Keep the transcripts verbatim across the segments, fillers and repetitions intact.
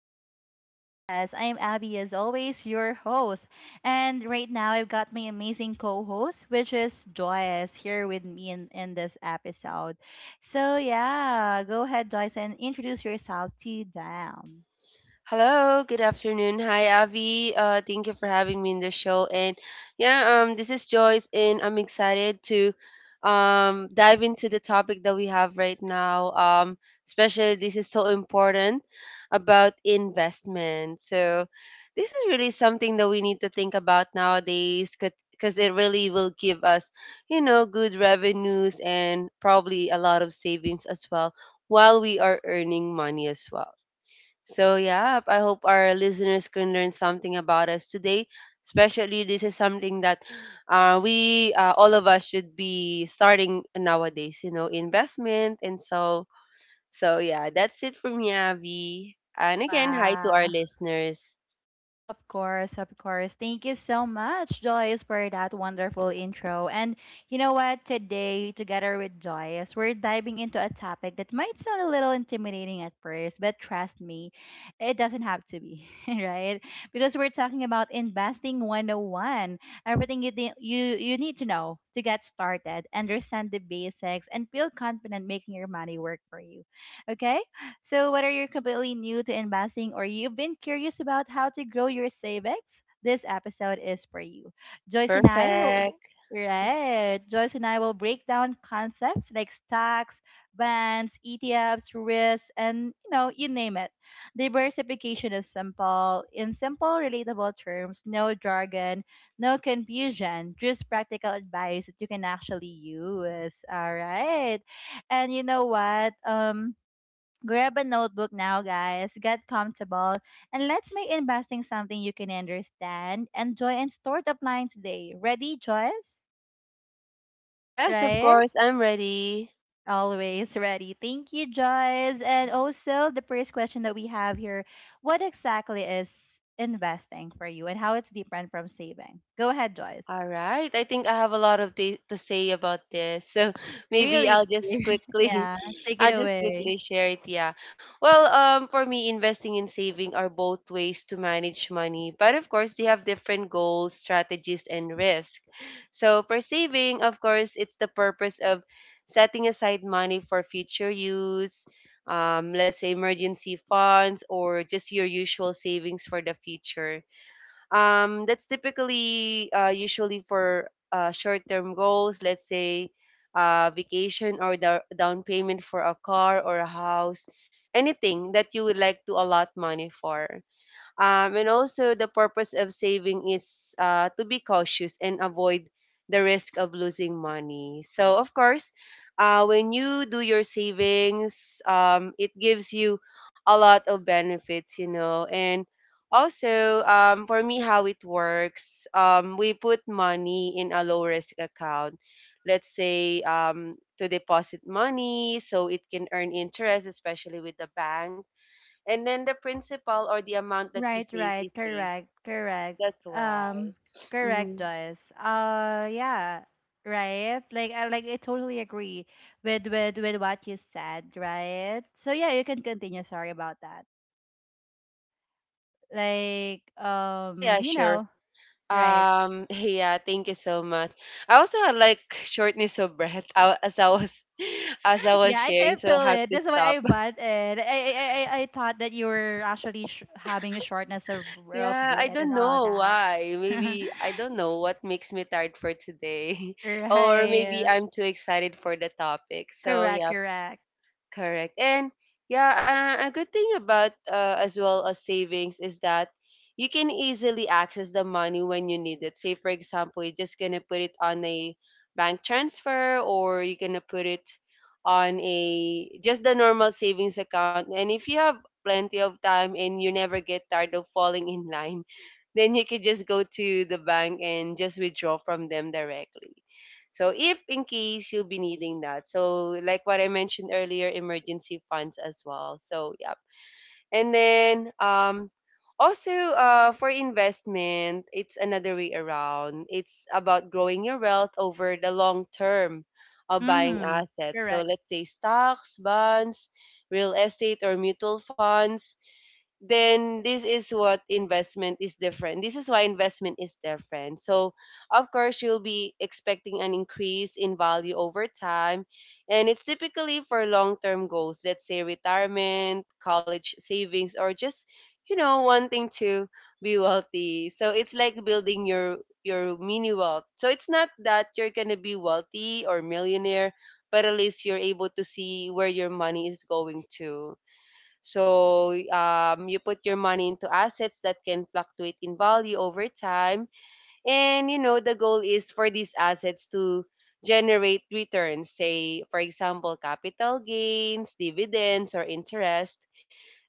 to the podcast. I'm Abby, as always, your host. And right now, I've got my amazing co host, which is Joyce, here with me in, in this episode. So, yeah, go ahead, Joyce, and introduce yourself to them. Hello, good afternoon. Hi, Avi. Uh, thank you for having me in the show. And yeah, um, this is Joyce, and I'm excited to um, dive into the topic that we have right now. Um, especially this is so important about investment. So this is really something that we need to think about nowadays, because it really will give us, you know, good revenues and probably a lot of savings as well while we are earning money as well. So, yeah, I hope our listeners can learn something about us today. Especially, this is something that uh, we, uh, all of us should be starting nowadays, you know, investment. And so, so yeah, that's it from me, Abby. And again, hi to our Wow. listeners. Of course, of course. Thank you so much, Joyce, for that wonderful intro. And you know what? Today, together with Joyce, we're diving into a topic that might sound a little intimidating at first, but trust me, it doesn't have to be, right? Because we're talking about investing one oh one, everything you, thi- you, you need to know to get started, understand the basics, and feel confident making your money work for you. Okay? So, whether you're completely new to investing or you've been curious about how to grow your savings, this episode is for you. Joyce and I will Perfect. Right. Joyce and I will break down concepts like stocks, bonds, E T Fs, risks, and you know, you name it. Diversification is simple, in simple, relatable terms, no jargon, no confusion, just practical advice that you can actually use. All right. And you know what? Um Grab a notebook now, guys. Get comfortable and let's make investing something you can understand, enjoy, and start applying today. Ready, Joyce? Yes, of Right? course, I'm ready. Always ready. Thank you, Joyce. And also, the first question that we have here: what exactly is investing for you and how it's different from saving? Go ahead, Joyce. All right. I think I have a lot of th- to say about this. So maybe Really? I'll just quickly Yeah, take it I'll just away. quickly share it, yeah. Well, um for me investing and saving are both ways to manage money, but of course they have different goals, strategies and risk. So for saving, of course, it's the purpose of setting aside money for future use. Um, let's say emergency funds or just your usual savings for the future, um, that's typically uh, usually for uh, short-term goals, let's say uh, vacation or the down payment for a car or a house, anything that you would like to allot money for. Um, and also, the purpose of saving is uh, to be cautious and avoid the risk of losing money. So, of course, uh, when you do your savings, um, it gives you a lot of benefits, you know. And also, um, for me, how it works, um, we put money in a low risk account. Let's say, um, to deposit money so it can earn interest, especially with the bank, and then the principal or the amount that you Right, save right, is safe. correct, correct. That's why. Um, correct, Mm-hmm. Joyce. Uh, yeah, right. Like, I like I totally agree with with with what you said, right? So yeah, you can continue. Sorry about that. Like, Yeah, um, yeah, you sure. know, right. Um, yeah, thank you so much. I also had like shortness of breath uh, as I was as I was Yeah, I sharing, can so I feel had it. to That's why stop. I bought it. I I I, I I thought that you were actually sh- having a shortness of, of Yeah, I breath and don't all know that. why. Maybe I don't know what makes me tired for today, or maybe Right. I'm too excited for the topic. So Correct. yeah. Correct. Correct. And yeah, uh, a good thing about uh, as well as savings is that you can easily access the money when you need it. Say, for example, you're just going to put it on a bank transfer or you're going to put it on a just the normal savings account. And if you have plenty of time and you never get tired of falling in line, then you could just go to the bank and just withdraw from them directly. So if in case you'll be needing that. So like what I mentioned earlier, emergency funds as well. So yeah. And then um also uh for investment, it's another way around. It's about growing your wealth over the long term of buying Mm-hmm. assets. So Correct. let's say stocks, bonds, real estate or mutual funds, then this is what investment is different. This is why investment is different. So, of course, you'll be expecting an increase in value over time. And it's typically for long term goals, let's say retirement, college savings, or just, you know, wanting to be wealthy. So, it's like building your your mini wealth. So it's not that you're going to be wealthy or millionaire, but at least you're able to see where your money is going to. So um, you put your money into assets that can fluctuate in value over time. And you know, the goal is for these assets to generate returns, say, for example, capital gains, dividends, or interest.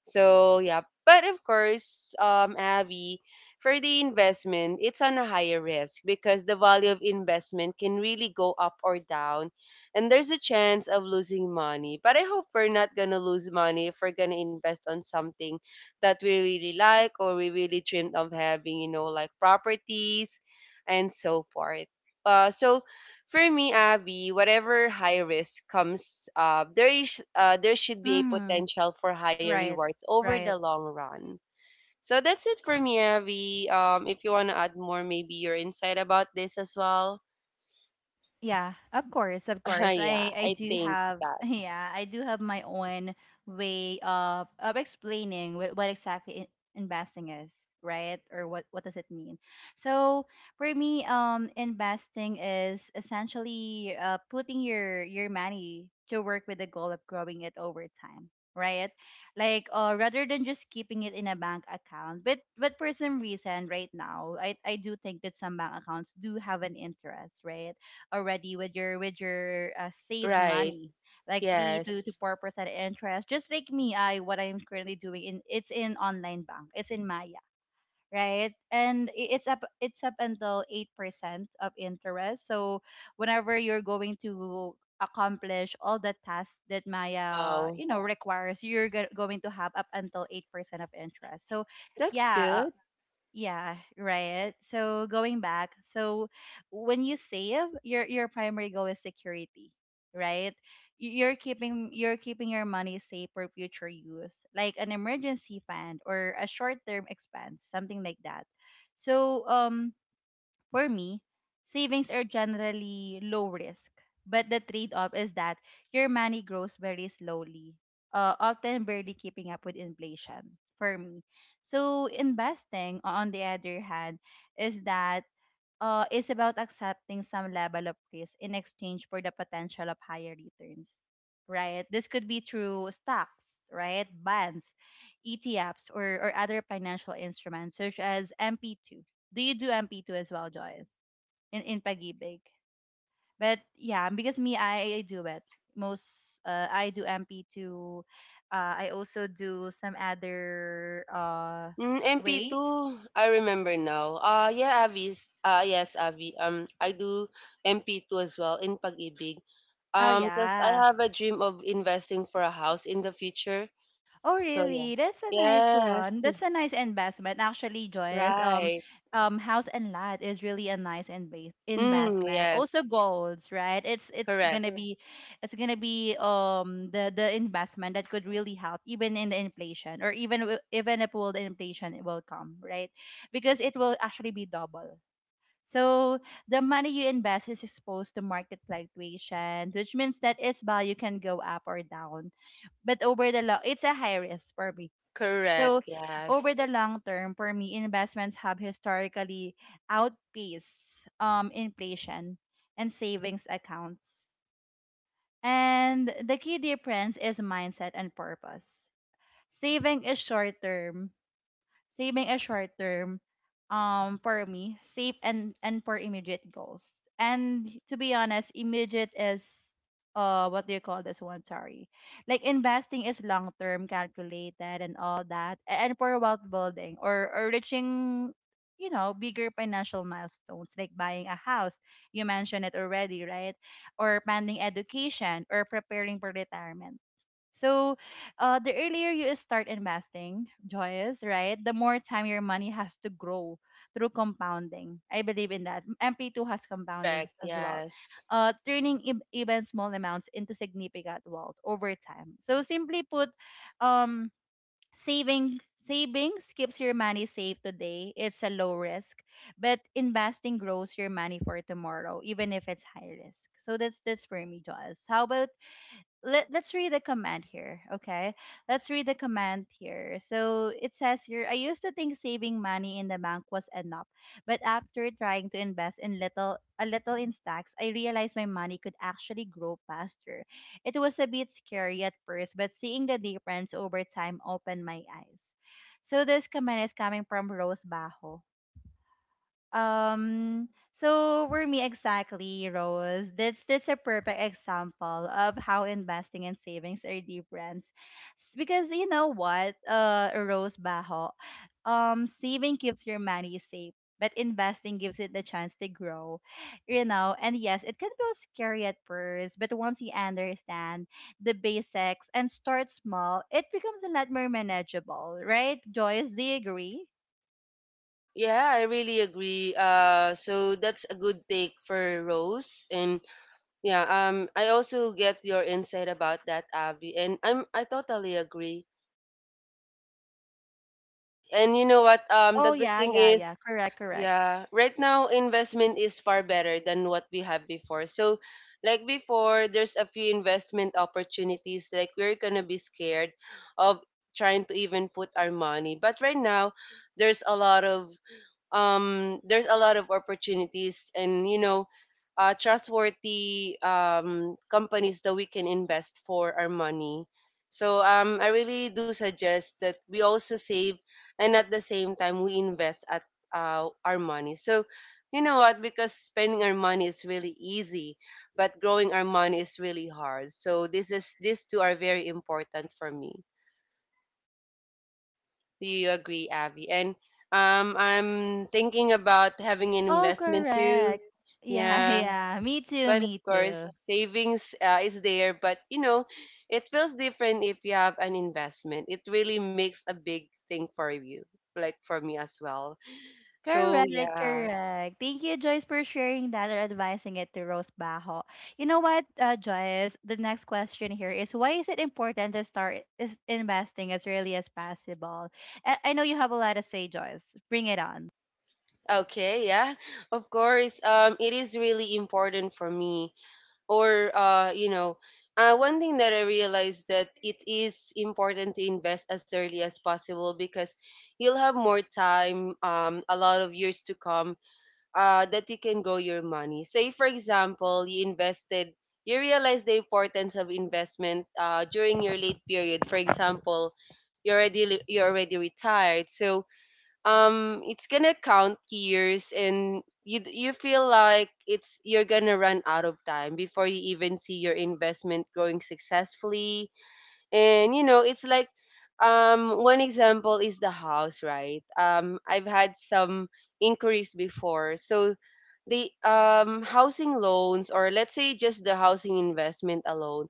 So yeah, but of course, um, Abby, for the investment, it's on a higher risk because the value of investment can really go up or down, and there's a chance of losing money. But I hope we're not gonna lose money if we're gonna invest on something that we really like or we really dreamed of having, you know, like properties and so forth. Uh, so for me, Abby, whatever high risk comes, uh, there is uh, there should be a Mm-hmm. potential for higher Right. rewards over the Right. long run. So that's it for me, Abby. Um, if you want to add more, maybe your insight about this as well. Yeah, of course, of course. I Yeah, I I do think have, that. yeah, I do have my own way of of explaining what, what exactly in- investing is, right? Or what what does it mean? So for me, um, investing is essentially uh, putting your your money to work with the goal of growing it over time, right? Like uh, rather than just keeping it in a bank account. But but for some reason, right now, I I do think that some bank accounts do have an interest, right? Already with your with your uh, saved Right. money like three to, to Yes. four percent interest. Just like me, I what I'm currently doing in, it's in online bank, it's in Maya, right? And i- it's up, it's up until eight percent of interest. So whenever you're going to accomplish all the tasks that Maya, Wow. you know, requires, you're go- going to have up until eight percent of interest. So That's yeah, good. yeah, right. So going back, so when you save, your your primary goal is security, right? Y- You're keeping, you're keeping your money safe for future use, like an emergency fund or a short-term expense, something like that. So um, for me, savings are generally low risk, but the trade off is that your money grows very slowly, uh, often barely keeping up with inflation. For me, so investing, on the other hand, is that, uh, is about accepting some level of risk in exchange for the potential of higher returns, right? This could be through stocks, right? Bonds, E T Fs, or, or other financial instruments such as M P two. Do you do M P two as well, Joyce? In, in Pagibig? But yeah, because me, I, I do it. Most, uh, I do M P two. Uh, I also do some other uh, Mm, way. M P two, I remember now. Ah, yeah, Avi. Ah, yes, Avi. Um, I do M P two as well in Pag-ibig. Oh, Um, because I yeah. have a dream of investing for a house in the future. Oh, So yeah. really? That's a nice one. Yes, That's a nice investment. Actually, Joyce, um, right. um, house and lot is really a nice invas- Mm, investment. Also, yes. golds, right? It's it's Correct. gonna yeah, be, it's gonna be um the the investment that could really help even in the inflation or even wi- even if will the inflation will come, right? Because it will actually be double. So the money you invest is exposed to market fluctuation, which means that its value can go up or down, but over the long, it's a high risk for me. So Correct. over Yes. the long term, for me, investments have historically outpaced um, inflation and savings accounts. And the key difference is mindset and purpose. Saving is short term, saving a short term, um, for me safe and and for immediate goals. And to be honest, immediate is uh, what do you call this one, sorry, like investing is long term, calculated and all that. A- and for wealth building or or reaching, you know, bigger financial milestones like buying a house, you mentioned it already, right? Or planning education or preparing for retirement. So, uh, the earlier you start investing, Joyous, right, the more time your money has to grow through compounding. I believe in that. M P two has compoundings Correct. as well, Yes. uh, turning ev- even small amounts into significant wealth over time. So, simply put, um, saving savings keeps your money safe today. It's a low risk, but investing grows your money for tomorrow, even if it's high risk. So that's that's for me, Joyous. How about let, let's read the command here. Okay. Let's read the command here. So it says here, I used to think saving money in the bank was enough, but after trying to invest in little a little in stocks, I realized my money could actually grow faster. It was a bit scary at first, but seeing the difference over time opened my eyes. So this command is coming from Rose Bajo. Um, so for me exactly, Rose, that's that's a perfect example of how investing and savings are different. S- Because you know what, uh, Rose Baho, um, saving keeps your money safe, but investing gives it the chance to grow. You know, and yes, it can feel scary at first, but once you understand the basics and start small, it becomes a lot more manageable, right? Joyce, do you agree? Yeah, I really agree. Uh, so that's a good take for Rose, and yeah, um, I also get your insight about that, Avi, and I'm I totally agree. And you know what? Um, Oh The good yeah, thing yeah, is, yeah. Correct, correct. yeah, right now investment is far better than what we have before. So, like before, there's a few investment opportunities. Like we're gonna be scared of trying to even put our money, but right now, there's a lot of um there's a lot of opportunities, and you know, uh, trustworthy um, companies that we can invest for our money. So um I really do suggest that we also save and at the same time we invest at uh, our money. So you know what, because spending our money is really easy, but growing our money is really hard, so this is these two are very important for me. Do you agree, Abby? And um, I'm thinking about having an Oh, investment too. correct. Yeah, Yeah, yeah. Me too, but of me course, too. savings uh, is there. But you know, it feels different if you have an investment. It really makes a big thing for you, like for me as well. So Correct, yeah. correct. Thank you, Joyce, for sharing that or advising it to Rose Bajo. You know what, uh, Joyce? The next question here is, why is it important to start is investing as early as possible? I, I know you have a lot to say, Joyce. Bring it on. Okay, yeah. Of course, um, it is really important for me, or uh, you know, uh, one thing that I realized, that it is important to invest as early as possible, because you'll have more time, um, a lot of years to come, uh, that you can grow your money. Say for example you invested, you realize the importance of investment uh, during your late period. For example, you're already you're already retired, so um it's gonna count years and you you feel like it's you're gonna run out of time before you even see your investment growing successfully. And you know, it's like, um one example is the house, right? um I've had some inquiries before. So the um housing loans, or let's say just the housing investment alone,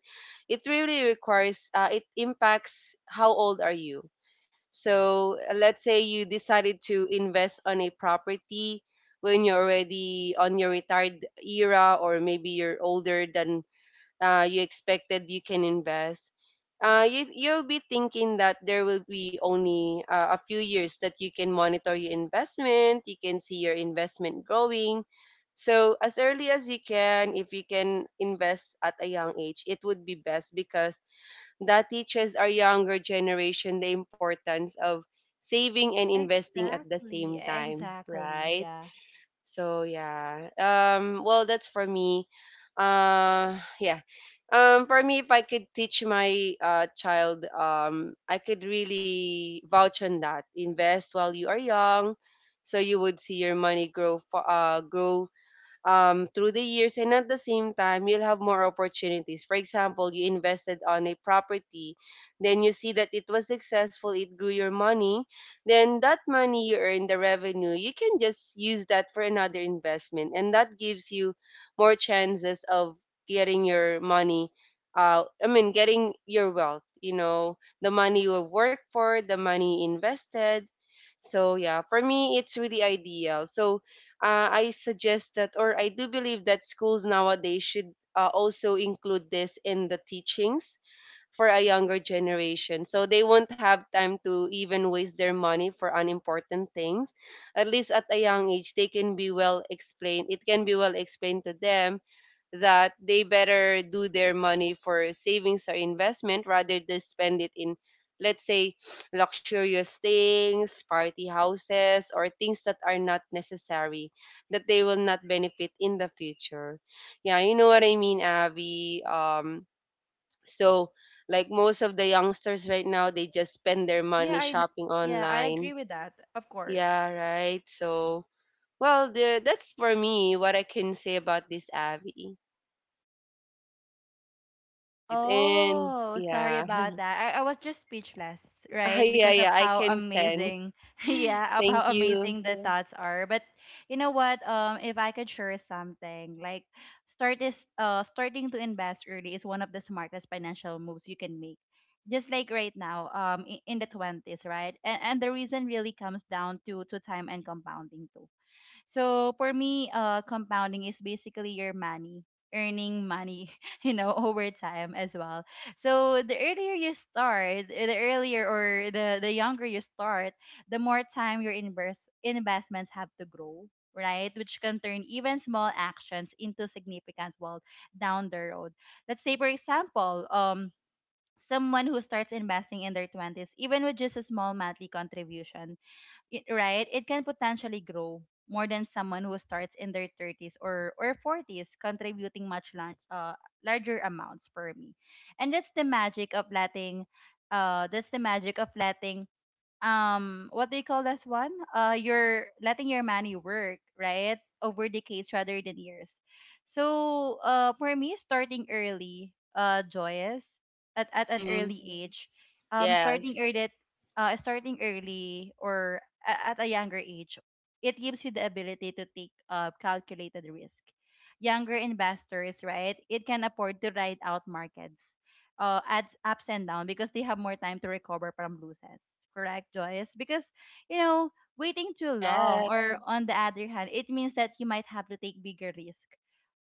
it really requires, uh, it impacts how old are you. So uh, let's say you decided to invest on a property when you're already on your retired era, or maybe you're older than uh, you expected you can invest. Uh, you, you'll be thinking that there will be only uh, a few years that you can monitor your investment, you can see your investment growing. So, as early as you can, if you can invest at a young age, it would be best, because that teaches our younger generation the importance of saving and investing at the Exactly, same time, exactly. right? Yeah. So yeah. Um well, that's for me. Uh yeah. Um for me, if I could teach my uh child, um I could really vouch on that. Invest while you are young so you would see your money grow fa- uh grow um, through the years, and at the same time you'll have more opportunities. For example, you invested on a property, then you see that it was successful, it grew your money, then that money you earn, the revenue, you can just use that for another investment, and that gives you more chances of getting your money, uh, i mean getting your wealth, you know, the money you have worked for, the money you invested. So yeah, for me it's really ideal. So uh, I suggest that, or I do believe that schools nowadays should uh, also include this in the teachings for a younger generation. So they won't have time to even waste their money for unimportant things. At least at a young age, they can be well explained. It can be well explained to them that they better do their money for savings or investment rather than spend it in, let's say, luxurious things, party houses, or things that are not necessary, that they will not benefit in the future. Yeah, you know what I mean, Abby? Um so, like most of the youngsters right now, they just spend their money Yeah, I shopping yeah, I online. agree with that. Of course. Yeah, right. So, well, the, that's for me what I can say about this, Abby. Right. And Oh, sorry yeah. about that. I, I was just speechless, Ah, right? yeah, Because of yeah, I how can sense. amazing, yeah, of Thank how you. amazing the yeah, thoughts are. But you know what? Um, if I could share something, like start is uh starting to invest early is one of the smartest financial moves you can make. Just like right now, um, i- in the twenties, right? And and the reason really comes down to to time and compounding too. So for me, uh, compounding is basically your money earning money, you know, over time as well. So the earlier you start, uh, the earlier or the the younger you start, the more time your invest investments have to grow, right? Which can turn even small actions into significant wealth down the road. Let's say, for example, um. Someone who starts investing in their twenties, even with just a small monthly contribution, it, right, it can potentially grow more than someone who starts in their thirties or, or forties, contributing much la- uh, larger amounts per me. And that's the magic of letting, uh, that's the magic of letting um, what do you call this one, uh, you're letting your money work right over decades rather than years. So uh, for me, starting early, uh, Joyous, at, at an Mm, early age, um, starting yes. early uh starting early or a- at a younger age, it gives you the ability to take uh, calculated risk. Younger investors, right, it can afford to ride out markets, uh, adds ups and downs because they have more time to recover from losses. Correct, Joyce? Because, you know, waiting too long, Correct. or on the other hand, it means that you might have to take bigger risk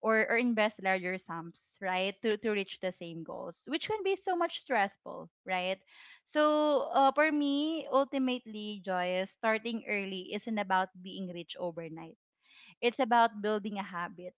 or, or invest larger sums, right, to, to reach the same goals, which can be so much stressful, right? So, uh, for me, ultimately, Joyce, starting early isn't about being rich overnight. It's about building a habit,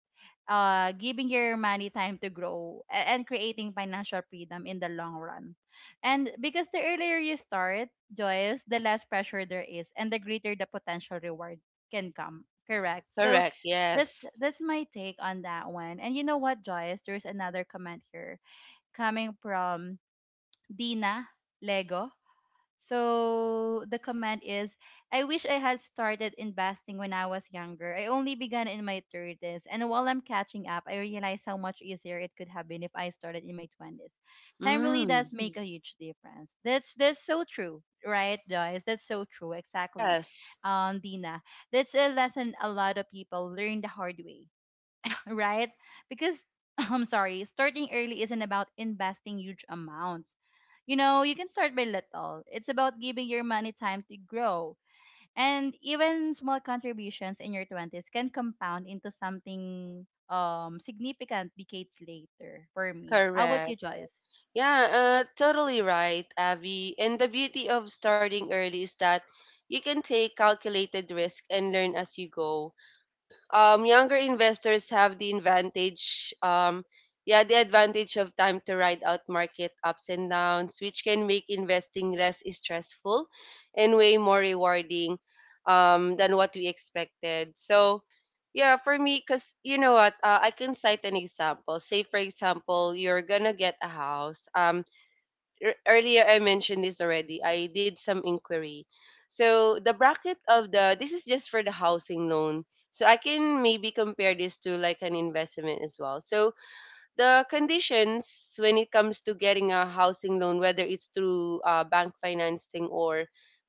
uh, giving your money time to grow a- and creating financial freedom in the long run. And because the earlier you start, Joyce, the less pressure there is and the greater the potential reward can come. Correct. So Correct. that's Yes. that's my take on that one. And you know what, Joyce, there's another comment here coming from Dina Lego. So the comment is, I wish I had started investing when I was younger. I only began in my thirties. And while I'm catching up, I realize how much easier it could have been if I started in my twenties. Time really Mm, does make a huge difference. That's that's so true, right, guys? That's so true. Exactly. yes. Um, Dina. That's a lesson a lot of people learn the hard way, right? Because I'm sorry, starting early isn't about investing huge amounts. You know, you can start by little. It's about giving your money time to grow. And even small contributions in your twenties can compound into something um significant decades later for me. How about you, Correct. Joyce? Yeah, uh, totally right, Abby. And the beauty of starting early is that you can take calculated risk and learn as you go. Um, younger investors have the advantage, um, yeah, the advantage of time to ride out market ups and downs, which can make investing less stressful and way more rewarding, um, than what we expected. So, yeah, for me, because you know what, uh, I can cite an example. Say, for example, you're gonna get a house. Um, ear- earlier I mentioned this already. I did some inquiry. So the bracket of the this is just for the housing loan. So I can maybe compare this to like an investment as well. So the conditions when it comes to getting a housing loan, whether it's through uh, bank financing or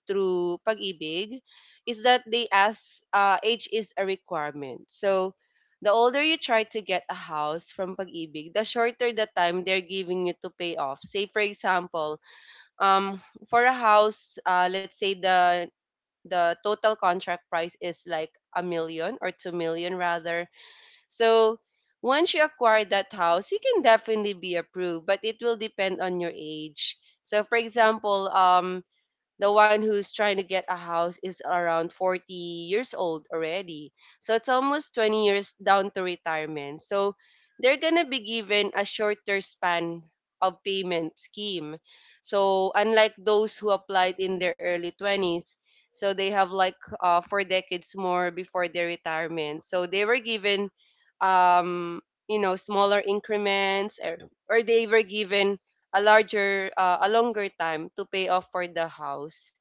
through pag-ibig, is that they ask uh, age is a requirement. So the older you try to get a house from pag-ibig, the shorter the time they're giving you to pay off. Say for example, um for a house, uh let's say the the total contract price is like a million or two million rather. So once you acquire that house, you can definitely be approved, but it will depend on your age. So for example, um the one who's trying to get a house is around forty years old already. So it's almost twenty years down to retirement. So they're going to be given a shorter span of payment scheme. So unlike those who applied in their early twenties, so they have like uh, four decades more before their retirement. So they were given, um, you know, smaller increments, or, or they were given a larger uh, a longer time to pay off for the house.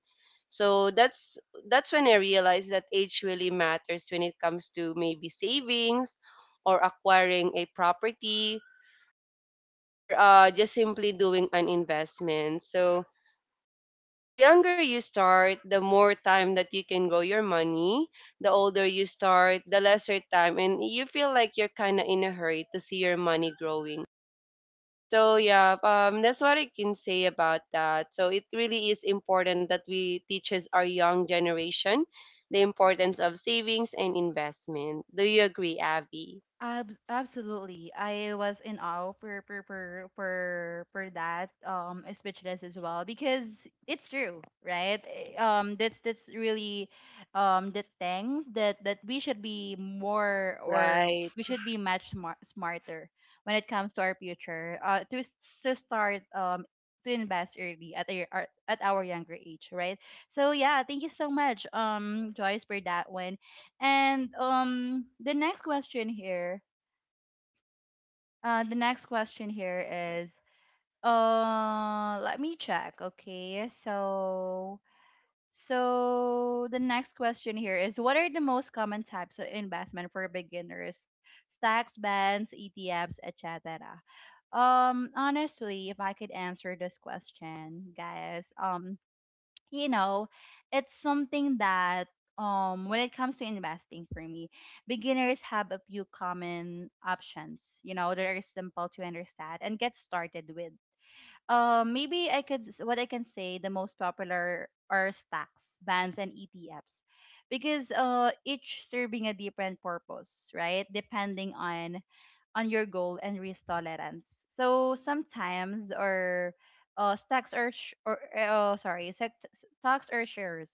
So that's that's when I realized that age really matters when it comes to maybe savings or acquiring a property or uh, just simply doing an investment. So the younger you start, the more time that you can grow your money. The older you start, the lesser time, and you feel like you're kind of in a hurry to see your money growing. So yeah, um, that's what I can say about that. So it really is important that we teaches our young generation the importance of savings and investment. Do you agree, Abby? Ab- absolutely. I was in awe for for for for, for that um speechless as well because it's true, right? Eh, Um that's that's really um the things that that we should be more, or Right. we should be much smart, smarter when it comes to our future. Uh to s- to start um to invest early at our our- at our younger age, right? So yeah, thank you so much, um Joyce, for that one. And um the next question here, uh, the next question here is, uh, let me check. Okay, so so the next question here is, what are the most common types of investment for beginners? Stocks, bonds, E T Fs, et cetera. Um, honestly, if I could answer this question, guys, um, you know, it's something that um when it comes to investing, for me, beginners have a few common options, you know, that are simple to understand and get started with. Um maybe I could s- What I can say, the most popular are stocks, bonds and E T Fs, because uh each serving a different purpose, right? Depending on on your goal and risk tolerance. So sometimes, or uh, stocks or, sh- or uh, sorry, sect- stocks or shares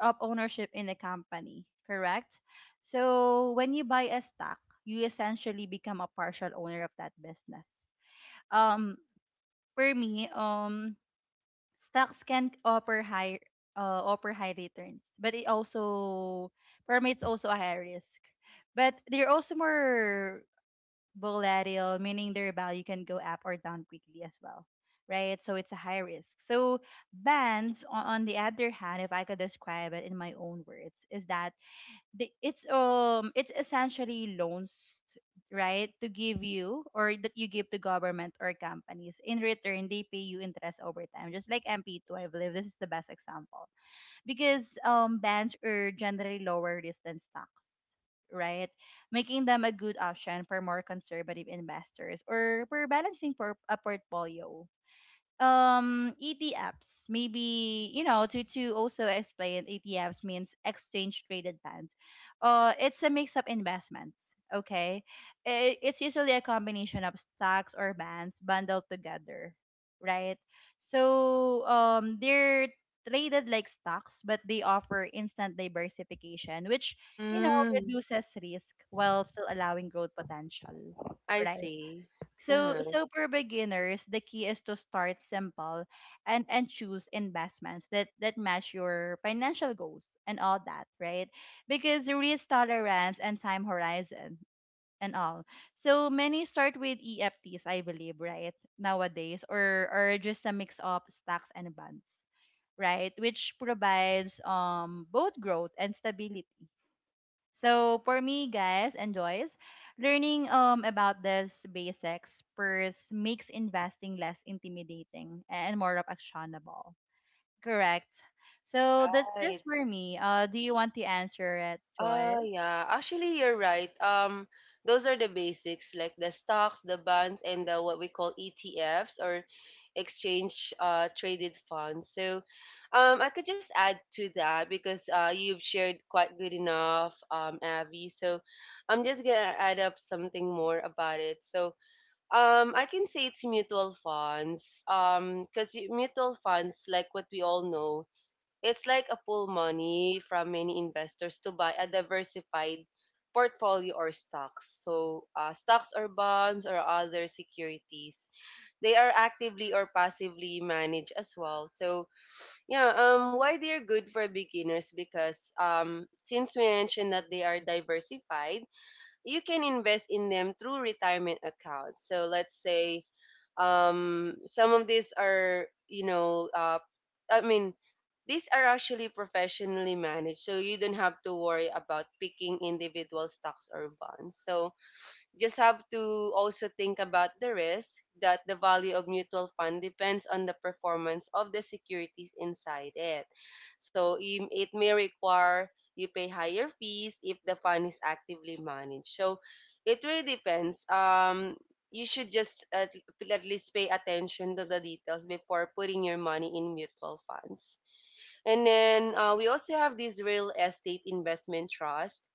of ownership in a company, correct? So when you buy a stock, you essentially become a partial owner of that business. Um, for me, um, Stocks can offer high, uh, offer high returns, but it also, for me, it's also a high risk. But they're also more volatile, meaning their value can go up or down quickly as well, right? So it's a high risk. So bonds, o- on the other hand, if I could describe it in my own words, is that the, it's um it's essentially loans, right, to give you, or that you give to government or companies. In return, they pay you interest over time, just like M P two. I believe this is the best example because, um, bonds are generally lower risk than stocks, right? Making them a good option for more conservative investors or for balancing for a portfolio. um E T Fs, maybe, you know, to to also explain, E T Fs means exchange traded funds. Uh it's a mix of investments. Okay, I- it's usually a combination of stocks or bonds bundled together, right? So um they're traded like stocks, but they offer instant diversification, which, you know, Mm, reduces risk while still allowing growth potential, I right? see. So, Uh-huh. so for beginners, the key is to start simple and and choose investments that that match your financial goals and all that, right? Because risk tolerance and time horizon and all. So many start with E F Ts, I believe, right? Nowadays, or or just a mix of stocks and bonds, right? Which provides um both growth and stability. So for me, guys and Joyce, learning um about this basics first makes investing less intimidating and more of actionable. Correct. So that's this Right. for me. Uh, do you want to answer it, Uh Joyce? Yeah, actually you're right. Um those are the basics, like the stocks, the bonds, and the what we call E T Fs or exchange uh traded funds. So um I could just add to that because uh you've shared quite good enough, um Avi. So I'm just going to add up something more about it. So um I can say it's mutual funds, um cuz mutual funds, like what we all know, it's like a pool money from many investors to buy a diversified portfolio or stocks. So, uh, stocks or bonds or other securities, they are actively or passively managed as well. So, yeah, um, why they're good for beginners? Because um, since we mentioned that they are diversified, you can invest in them through retirement accounts. So, let's say um some of these are, you know, uh i mean these are actually professionally managed, so you don't have to worry about picking individual stocks or bonds. So just have to also think about the risk that the value of mutual fund depends on the performance of the securities inside it. So im- it may require you pay higher fees if the fund is actively managed. So it really depends. Um, you should just at, at least pay attention to the details before putting your money in mutual funds. And then uh, we also have this real estate investment trust,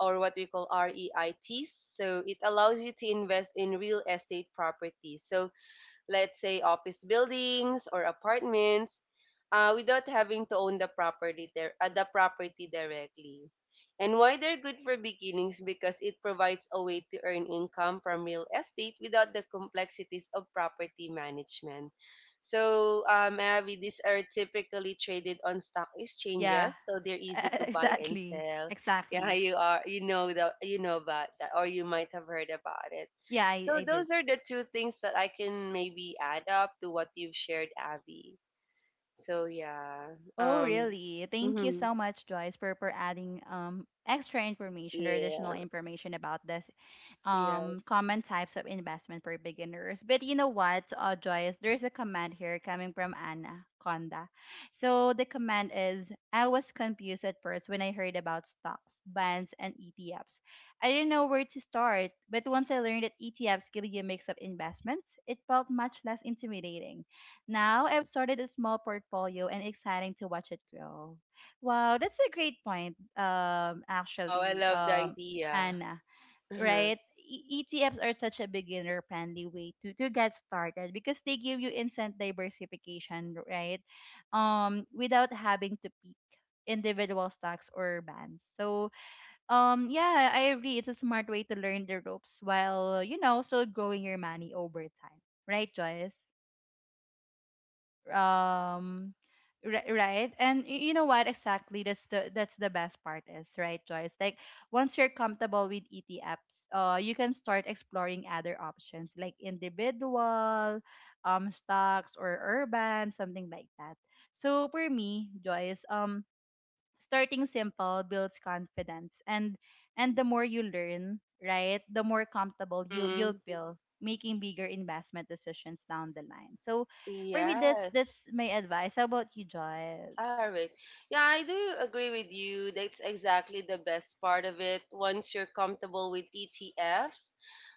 or what we call REITs. So it allows you to invest in real estate properties. So let's say office buildings or apartments, uh, without having to own the property there, uh, the property directly. And why they're good for beginnings, because it provides a way to earn income from real estate without the complexities of property management. So, um, Abby, these are typically traded on stock Yeah, exchanges, so they're easy to buy and exactly, sell. Yeah, exactly. you are, you know the, you know about that, or you might have heard about it. Yeah, I, So I did. those are the two things that I can maybe add up to what you've shared, Abby. So yeah. Oh, Um, really? Thank you mhm. so much, Joyce, for, for adding um extra information, or additional Yeah. information, about this um Yes. common types of investment for beginners. But you know what, uh, Joyce, there's a command here coming from Anna Conda. So the command is, I was confused at first when I heard about stocks, bonds, and E T Fs. I didn't know where to start, but once I learned that E T Fs give you a mix of investments, it felt much less intimidating. Now I've started a small portfolio and exciting to watch it grow. Wow, that's a great point, um, Wow, I actually, love the um, idea. Anna, Uh-huh. right? E- ETFs are such a beginner friendly way to, to get started because they give you instant diversification, right? Um, without having to pick individual stocks or bands. So, um, yeah, I agree. It's a smart way to learn the ropes while, you know, still growing your money over time, right, Joyce? um ri- right, and y- you know what, exactly, that's the that's the best part is, right, Joyce? Like once you're comfortable with E T apps, uh, you can start exploring other options like individual um stocks or urban, something like that. So for me, Joyce, um starting simple builds confidence, and and the more you learn, right, the more comfortable you you'll Mhm. feel making bigger investment decisions down the line. So for me, that's that's Yes. my advice. How about you, All Joyce? right. Yeah, I do agree with you. That's exactly the best part of it. Once you're comfortable with E T Fs,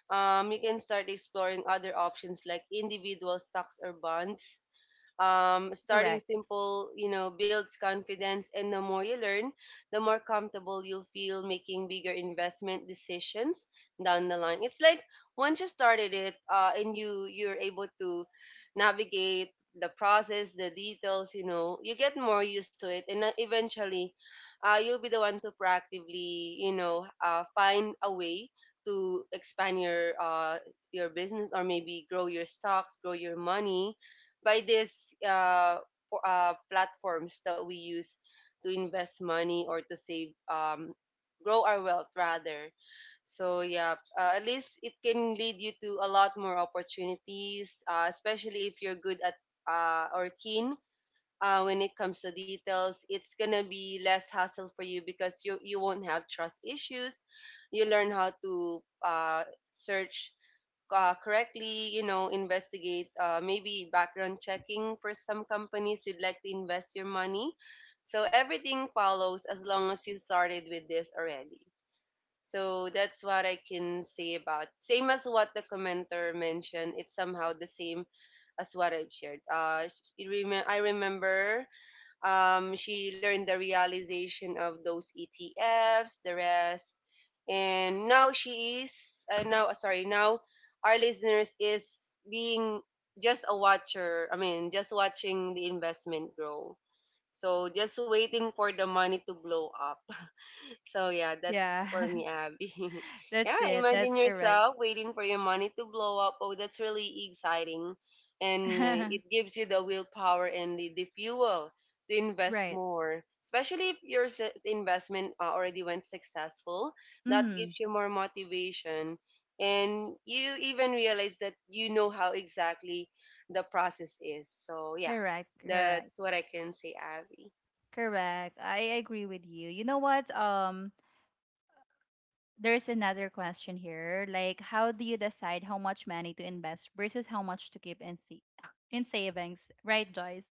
um, you can start exploring other options like individual stocks or bonds. Um, starting Correct. simple, you know, builds confidence, and the more you learn, the more comfortable you'll feel making bigger investment decisions down the line. It's like once you started it, uh, and you you're able to navigate the process, the details, you know, you get more used to it, and uh, eventually, uh, you'll be the one to proactively, you know, uh, find a way to expand your uh, your business, or maybe grow your stocks, grow your money by these uh, po- uh, platforms that we use to invest money or to save, um, grow our wealth rather. So yeah, uh, at least it can lead you to a lot more opportunities, uh, especially if you're good at, uh, or keen, uh, when it comes to details. It's gonna be less hassle for you because you you won't have trust issues. You learn how to uh, search uh, correctly, you know, investigate, uh, maybe background checking for some companies you'd like to invest your money. So everything follows as long as you started with this already. So that's what I can say about. Same as what the commenter mentioned, it's somehow the same as what I've shared. Uh, sh- you remem- I remember, um, she learned the realization of those E T Fs, the rest, and now she is uh, now uh, sorry, now our listeners is being just a watcher. I mean, just watching the investment grow. So just waiting for the money to blow up. So yeah, that's Yeah, for me, Abby. Yeah, that's it, imagine that's correct. yourself waiting for your money to blow up. Oh, that's really exciting, and uh, it gives you the willpower and the, the fuel to invest Right. more. Especially if your s- investment uh, already went successful, that Mm. gives you more motivation, and you even realize that you know how exactly the process is. So yeah, Correct, correct, that's what I can say, Abby. correct, I agree with you. You know what, um there's another question here. Like, how do you decide how much money to invest versus how much to keep in sa- in savings? Right, Joyce?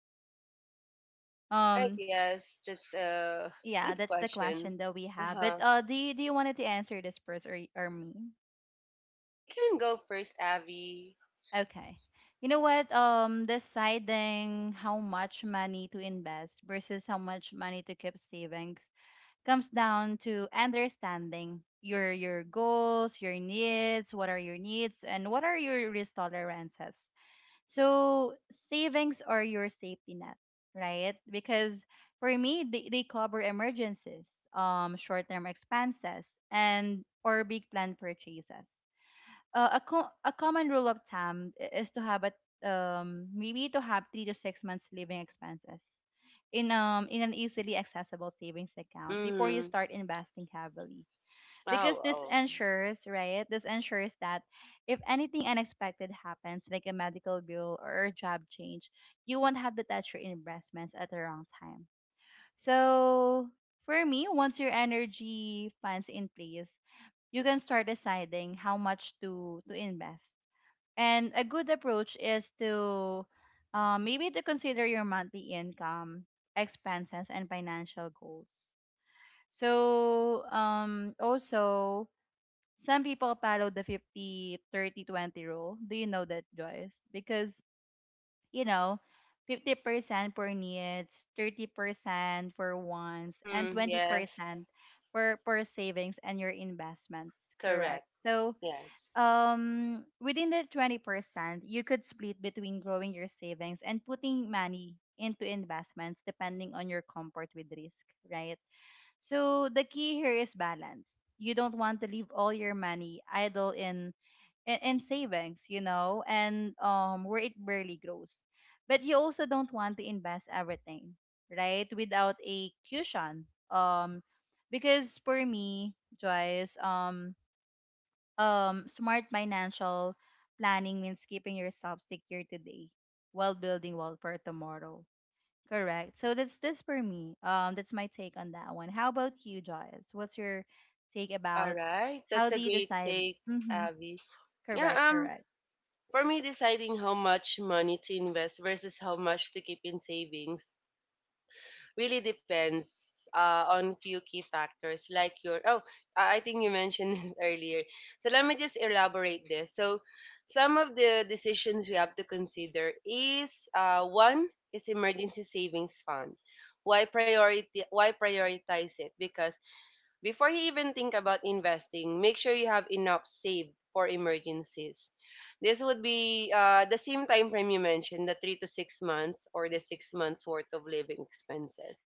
Right, Um, yes, that's a yeah, good that's the question. question that we have. But Uh-huh. uh, do you do you wanted to answer this first, or y- or me? You can go first, Abby. Okay. You know what? Um, deciding how much money to invest versus how much money to keep savings comes down to understanding your your goals, your needs, what are your needs, and what are your risk tolerances. So savings are your safety net, right? Because for me, they, they cover emergencies, um, short-term expenses, and or big plan purchases. Uh, a, co- a common rule of thumb i- is to have a, um, maybe to have three to six months living expenses in um in an easily accessible savings account before you Mm. start investing heavily, because Oh, this oh. ensures right this ensures that if anything unexpected happens, like a medical bill or a job change, you won't have to touch your investments at the wrong time. So for me, once your energy funds in place, you can start deciding how much to to invest. And a good approach is to, uh, maybe to consider your monthly income, expenses and financial goals. So um also, some people follow the fifty thirty twenty rule. Do you know that, Joyce? Because, you know, fifty percent for needs, thirty percent for wants, and Mm, yes. twenty percent for for savings and your investments, correct? Correct. So Yes. um within the twenty percent, you could split between growing your savings and putting money into investments, depending on your comfort with risk, right? So the key here is balance. You don't want to leave all your money idle in in, in savings, you know, and um where it barely grows. But you also don't want to invest everything, right, without a cushion. Um, because for me, Joyce, um um smart financial planning means keeping yourself secure today while building wealth for tomorrow. Correct. So that's this for me. Um, that's my take on that one. How about you, Joyce? What's your take All about right. how That's do a you great decide? take, Mm-hmm. Abby. Correct. Yeah, um, Correct. for me, deciding how much money to invest versus how much to keep in savings really depends uh, on few key factors like your. Oh, I I think you mentioned this earlier, so let me just elaborate this. So some of the decisions we have to consider is uh, one is emergency savings fund. Why priority why prioritize it? Because before you even think about investing, make sure you have enough saved for emergencies. This would be uh, the same time frame you mentioned, the three to six months, or the six months worth of living expenses.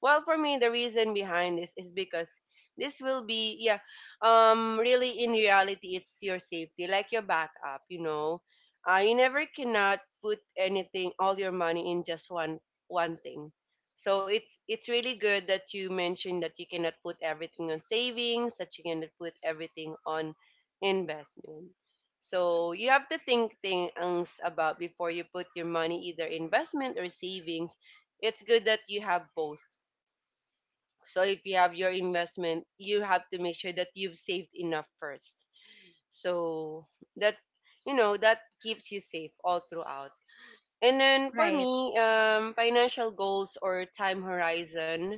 Well, for me, the reason behind this is because this will be, yeah, um, really in reality, it's your safety, like your backup, you know. Uh, you never cannot put anything, all your money in just one one thing. So it's it's really good that you mentioned that you cannot put everything on savings, that you cannot put everything on investment. So you have to think things about before you put your money either investment or savings. It's good that you have both. So if you have your investment, you have to make sure that you've saved enough first. So that you know that keeps you safe all throughout. And then for Right. me, um, financial goals or time horizon.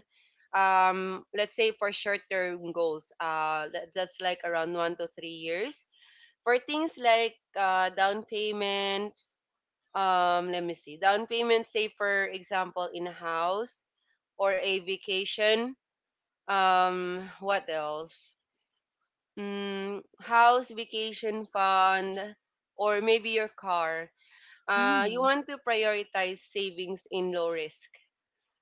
Um, let's say for short-term goals, uh, that, that's like around one to three years. For things like uh, down payment, um, let me see, down payment, say for example, in a house or a vacation. Um, what else? Mm, house, vacation fund, or maybe your car. Uh, you Mm-hmm. want to prioritize savings in low risk,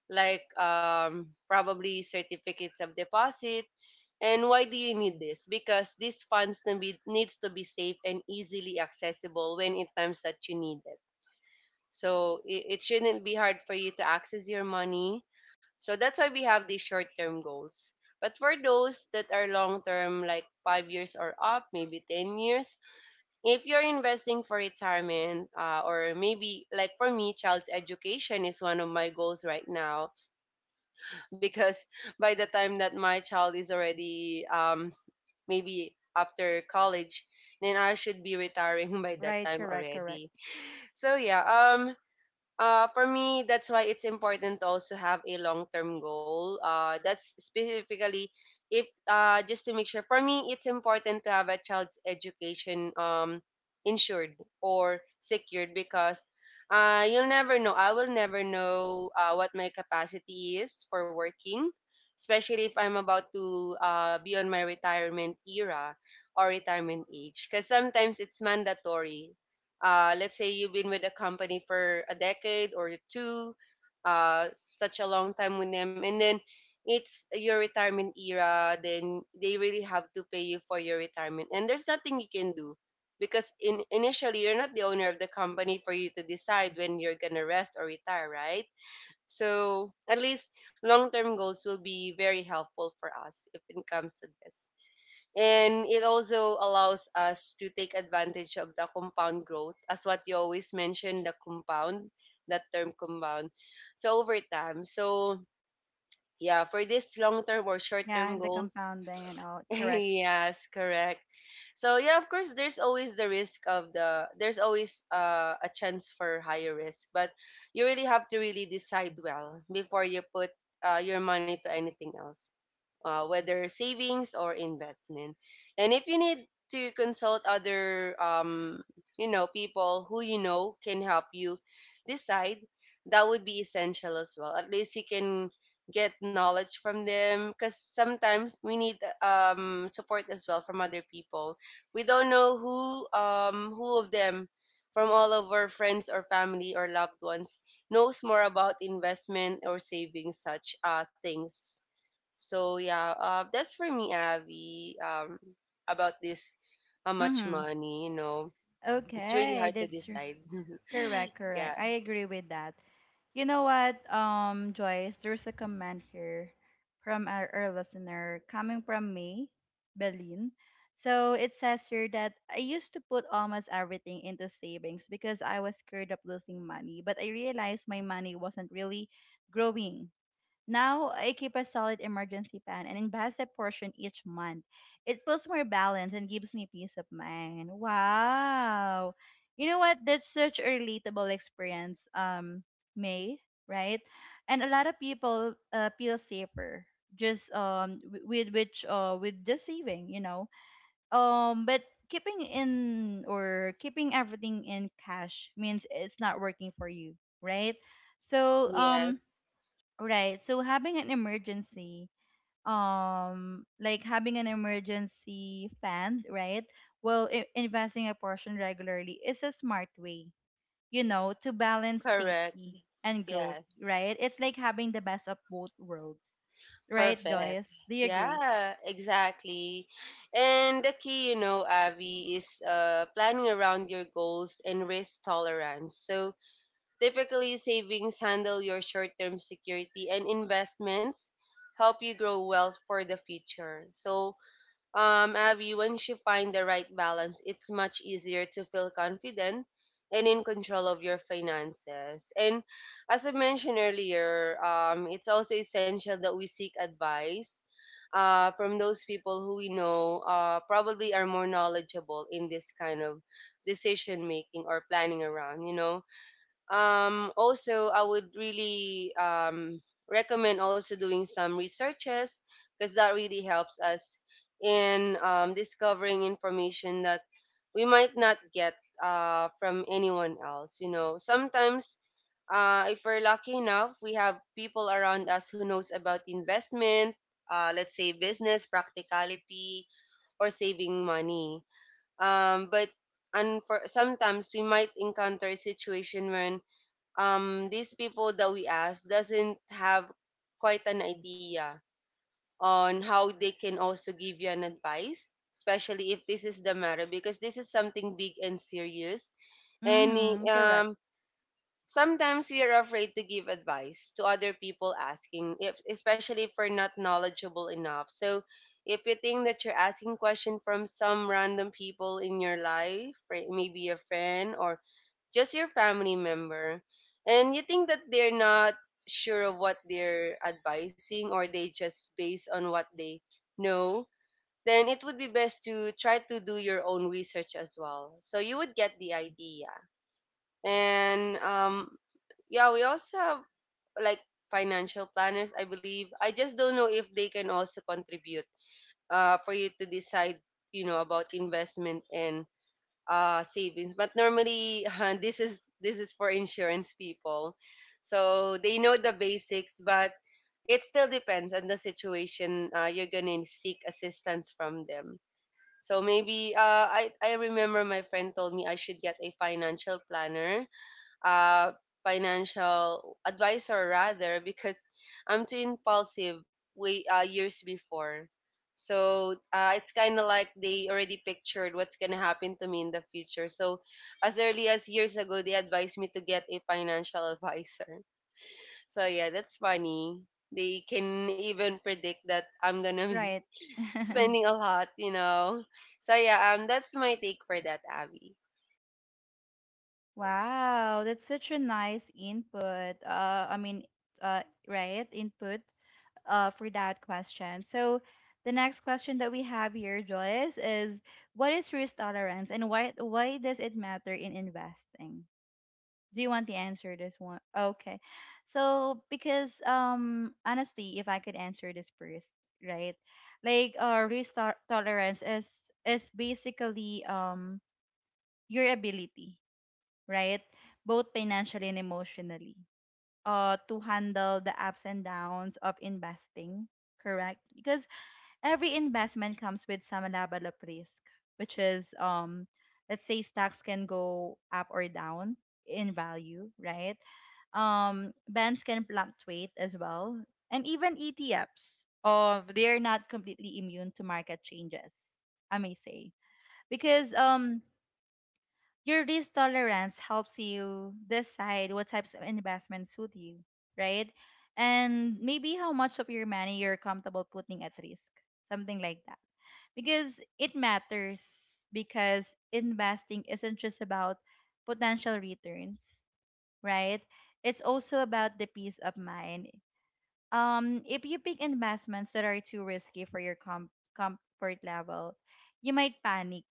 like um, probably certificates of deposit. And why do you need this? Because these funds to be, needs to be safe and easily accessible when in times that you need it. So it, it shouldn't be hard for you to access your money. So that's why we have these short term goals. But for those that are long term, like five years or up, maybe ten years, if you're investing for retirement, uh, or maybe like for me, child's education is one of my goals right now because by the time that my child is already um, maybe after college, then I should be retiring by that Right. time Correct. Correct. already. So yeah, um, uh, for me, that's why it's important to also have a long-term goal. Uh, that's specifically if uh, just to make sure. For me, it's important to have a child's education um insured or secured because uh, you'll never know. I will never know uh, what my capacity is for working, especially if I'm about to uh, be on my retirement era or retirement age. Because sometimes it's mandatory, uh, let's say you've been with a company for a decade or two, uh, such a long time with them, and then it's your retirement era, then they really have to pay you for your retirement, and there's nothing you can do because in initially you're not the owner of the company for you to decide when you're gonna rest or retire, right? So at least long term goals will be very helpful for us if it comes to this, and it also allows us to take advantage of the compound growth as what you always mentioned, the compound, that term compound, so over time. So yeah, for this long term or short Yeah, term the goals. compounding and all. Correct. Yes, correct. So yeah, of course there's always the risk of the there's always uh, a chance for higher risk, but you really have to really decide well before you put uh, your money to anything else, uh, whether savings or investment. And if you need to consult other, um, you know, people who you know can help you decide, that would be essential as well. At least you can get knowledge from them because sometimes we need um, support as well from other people. We don't know who um, who of them from all of our friends or family or loved ones knows more about investment or savings such uh, things. So yeah, uh, that's for me, Avi. Um, about this, how much Mm-hmm. money? You know, it's really Okay, hard to that's r- decide. correct. Correct. Yeah. I agree with that. You know what, um, Joyce? There's a comment here from our, our listener coming from me, Berlin. So it says here that, I used to put almost everything into savings because I was scared of losing money, but I realized my money wasn't really growing. Now I keep a solid emergency plan and invest a portion each month. It feels more balanced and gives me peace of mind. Wow. You know what? That's such a relatable experience, um, May, right? And a lot of people, uh, feel safer just um w- with which uh with just saving, you know. Um, but keeping in, or keeping everything in cash, means it's not working for you, right? Mm, So um. yes. Right. So having an emergency, um, like having an emergency fund, right? Well, I- investing a portion regularly is a smart way, you know, to balance Correct. safety and growth, Yes. right? It's like having the best of both worlds, right, Perfect. Joyce? Do you agree? Yeah. Exactly. And the key, you know, Avi, is uh, planning around your goals and risk tolerance. So typically, savings handle your short-term security, and investments help you grow wealth for the future. So um, Abby, once you find the right balance, it's much easier to feel confident and in control of your finances. And as I mentioned earlier, um, it's also essential that we seek advice uh, from those people who we know uh, probably are more knowledgeable in this kind of decision making or planning around, you know. Um also i would really um recommend also doing some researches because that really helps us in um, discovering information that we might not get uh, from anyone else, you know. Sometimes uh, if we're lucky enough we have people around us who knows about investment, uh, let's say business practicality or saving money. Um, but and for sometimes we might encounter a situation when um, these people that we ask doesn't have quite an idea on how they can also give you an advice, especially if this is the matter, because this is something big and serious. And Mm-hmm. Correct. um, sometimes we are afraid to give advice to other people asking, if, especially if we're not knowledgeable enough. So if you think that you're asking question from some random people in your life, right, maybe a friend or just your family member, and you think that they're not sure of what they're advising or they just based on what they know, then it would be best to try to do your own research as well. So you would get the idea. And um, yeah, we also have like financial planners, I believe. I just don't know if they can also contribute uh, for you to decide, you know, about investment and uh, savings. But normally, this is this is for insurance people, so they know the basics. But it still depends on the situation. Uh, you're gonna seek assistance from them. So maybe uh, I I remember my friend told me I should get a financial planner, uh, financial advisor rather, because I'm too impulsive way uh, years before. So uh, it's kind of like they already pictured what's gonna happen to me in the future. So as early as years ago, they advised me to get a financial advisor. So yeah, that's funny. They can even predict that I'm gonna be Right. spending a lot, you know. So yeah, um, that's my take for that, Abby. Wow, that's such a nice input. Uh, I mean, uh, right, input, uh, for that question. So the next question that we have here, Joyce, is, what is risk tolerance and why why does it matter in investing? Do you want to answer this one? Okay. So because um honestly, if I could answer this first, right? Like, uh, risk to- tolerance is is basically, um, your ability, right? Both financially and emotionally, uh, to handle the ups and downs of investing, correct? Because every investment comes with some level of risk, which is, um, let's say stocks can go up or down in value, right? Um, bands can fluctuate as well. And even E T Fs, uh, they are not completely immune to market changes, I may say. Because um your risk tolerance helps you decide what types of investments suit you, right? And maybe how much of your money you're comfortable putting at risk, something like that because it matters because investing isn't just about potential returns, right. It's also about the peace of mind. Um if you pick investments that are too risky for your com- comfort level, you might panic,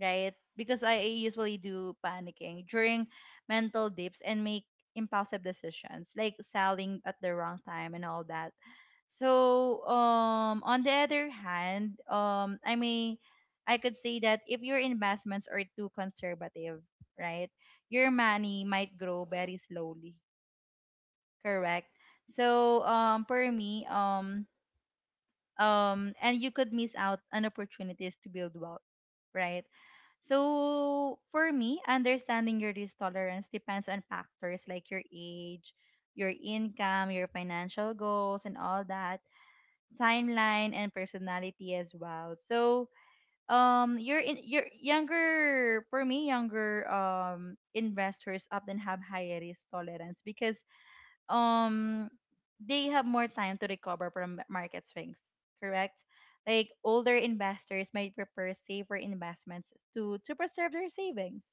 right? Because I usually do panicking during mental dips and make impulsive decisions like selling at the wrong time and all that. So, um, on the other hand, um, I mean, I could say that if your investments are too conservative, right, your money might grow very slowly, correct? So, um, for me, um, um, and you could miss out on opportunities to build wealth, right? So, for me, understanding your risk tolerance depends on factors like your age, your income, your financial goals, and all that, timeline and personality as well. So um your in your younger for me younger um investors often have higher risk tolerance because um they have more time to recover from market swings, correct? Like older investors might prefer safer investments to to preserve their savings,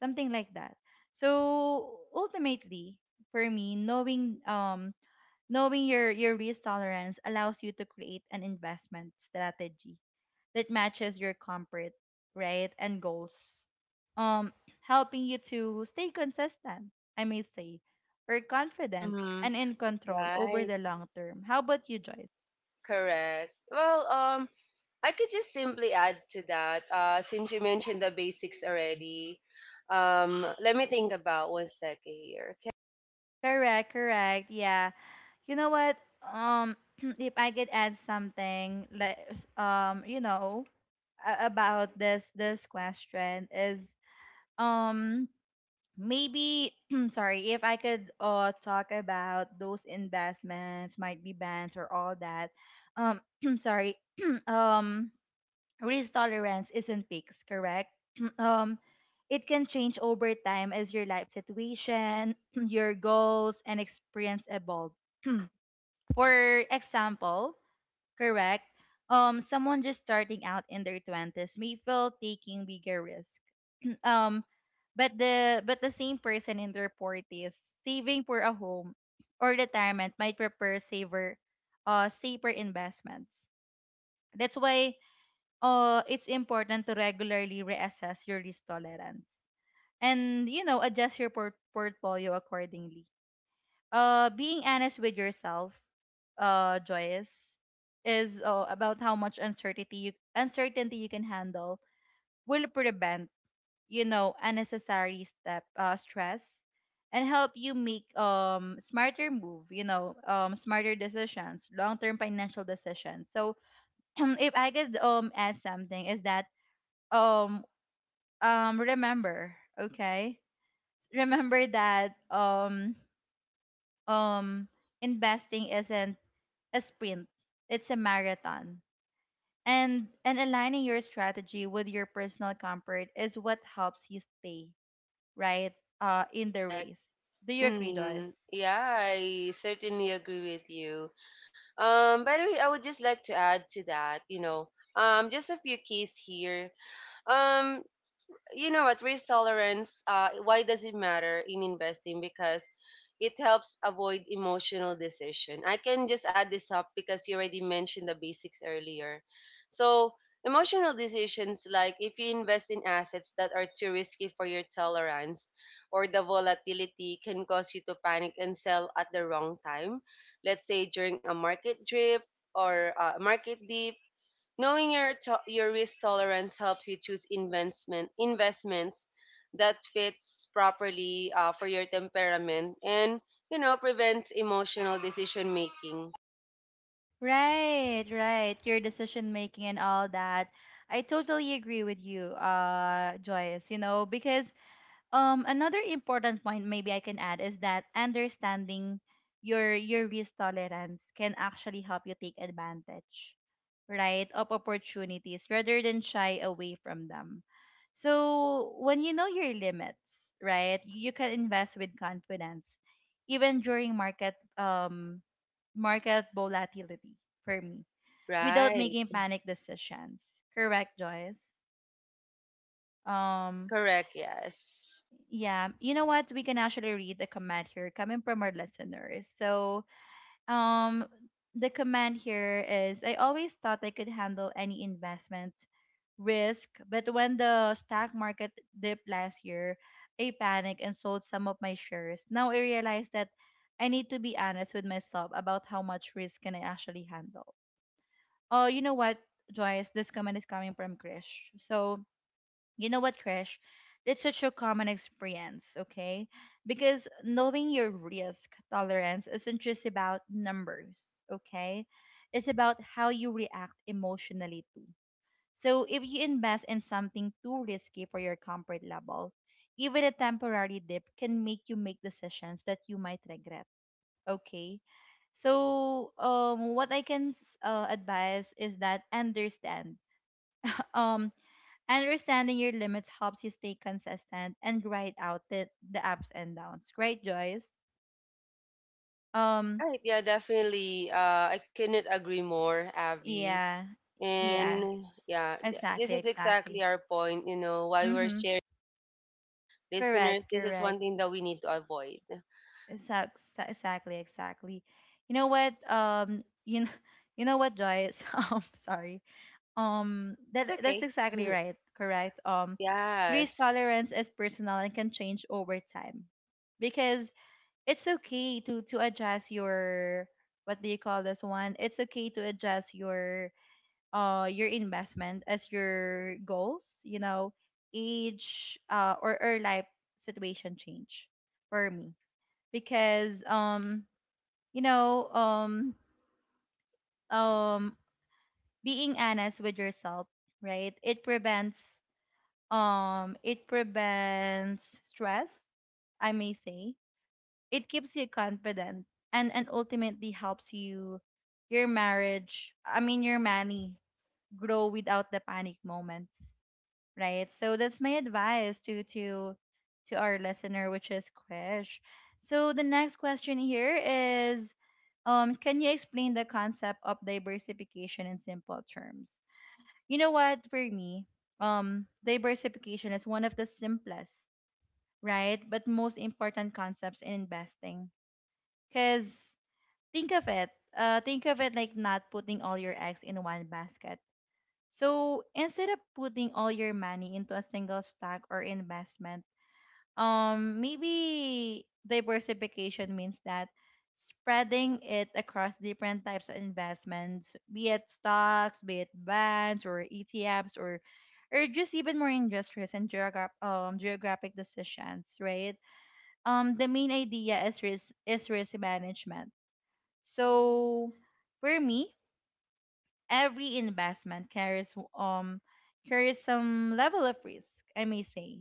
something like that. So ultimately, for me, knowing um knowing your, your risk tolerance allows you to create an investment strategy that matches your comfort, right, and goals, um, helping you to stay consistent, I may say, or confident and in control over Right. the long term. How about you, Joyce? Correct. Well, um, I could just simply add to that. Uh, since you mentioned the basics already, um, let me think about one second here. Correct, correct. Yeah. You know what? Um, if I could add something, like, um, you know, a- about this this question is, um, maybe sorry, if I could uh talk about those investments might be bands or all that. um Sorry. um Risk tolerance isn't fixed, correct. um it can change over time as your life situation, your goals and experience evolve. For example, correct. Um someone just starting out in their twenties may feel taking bigger risks. um but the but the same person in their forties, saving for a home or retirement, might prefer saver uh safer investments. That's why uh it's important to regularly reassess your risk tolerance and, you know, adjust your port- portfolio accordingly. Uh being honest with yourself, uh Joyous, is, uh, about how much uncertainty you uncertainty you can handle will prevent, you know, unnecessary step uh, stress, and help you make um smarter move, you know, um smarter decisions, long-term financial decisions. So if I could um add something, is that um um remember, okay? Remember that um um investing isn't a sprint, it's a marathon. And and aligning your strategy with your personal comfort is what helps you stay right, uh, in the Correct. race. Do you agree, Joyce? Mm, yeah, I certainly agree with you. Um, by the way, I would just like to add to that, you know, um, just a few keys here. Um, you know what risk tolerance, uh, why does it matter in investing, because it helps avoid emotional decision. I can just add this up because you already mentioned the basics earlier. So emotional decisions, like if you invest in assets that are too risky for your tolerance or the volatility, can cause you to panic and sell at the wrong time, let's say during a market drip or a market dip. Knowing your to- your risk tolerance helps you choose investment investments that fits properly uh, for your temperament, and you know prevents emotional decision making. Right, right. Your decision making and all that. I totally agree with you, uh, Joyce, you know, because Um, another important point maybe I can add is that understanding your your risk tolerance can actually help you take advantage, right, of opportunities rather than shy away from them. So when you know your limits, right, you can invest with confidence, even during market um market volatility for me, without Right. making panic decisions. Correct, Joyce. Um, Correct. Yes. yeah, you know what? We can actually read the comment here coming from our listeners. So, um, the comment here is: I always thought I could handle any investment risk, but when the stock market dipped last year, I panicked and sold some of my shares. Now I realize that I need to be honest with myself about how much risk can I actually handle. Oh, you know what, Joyce? This comment is coming from Krish. So, you know what, Krish? That's such a common experience, okay? Because knowing your risk tolerance isn't just about numbers, okay? It's about how you react emotionally too. So if you invest in something too risky for your comfort level, even a temporary dip can make you make decisions that you might regret, okay? So um, what I can s- uh, advise is that understand um understanding your limits helps you stay consistent and grind out the, the ups and downs. Great, Joyce. Um, Right. Yeah. Definitely. Uh, I couldn't agree more, Avi. yeah, yeah, And yeah, th- this exactly, is exactly exactly. our point. You know why we're Mm-hmm. sharing, listeners. Correct, This is one correct. thing that we need to avoid. Exac- exa- Exactly, exactly. You know what? Um, you know, you know what, Joyce? Um, sorry. Um, It's that that's okay. exactly right. Correct. Um, risk Yes. tolerance is personal and can change over time because it's okay to to adjust your, what do you call this one, it's okay to adjust your uh your investment as your goals, you know, age, uh or, or life situation change, for me, because um you know um um being honest with yourself, right, it prevents um it prevents stress, I may say. It keeps you confident, and and ultimately helps you, your marriage, I mean, your money, grow without the panic moments, right? So that's my advice to to to our listener, which is Krish. So the next question here is, um can you explain the concept of diversification in simple terms? You know what, for me, um diversification is one of the simplest, right, but most important concepts in investing, because think of it, uh, think of it like not putting all your eggs in one basket. So instead of putting all your money into a single stock or investment, um, maybe diversification means that spreading it across different types of investments, be it stocks, be it bonds or E T Fs, or or just even more industrious and geograph- um, geographic decisions, right? Um, the main idea is risk is risk management. So for me, every investment carries um carries some level of risk, I may say.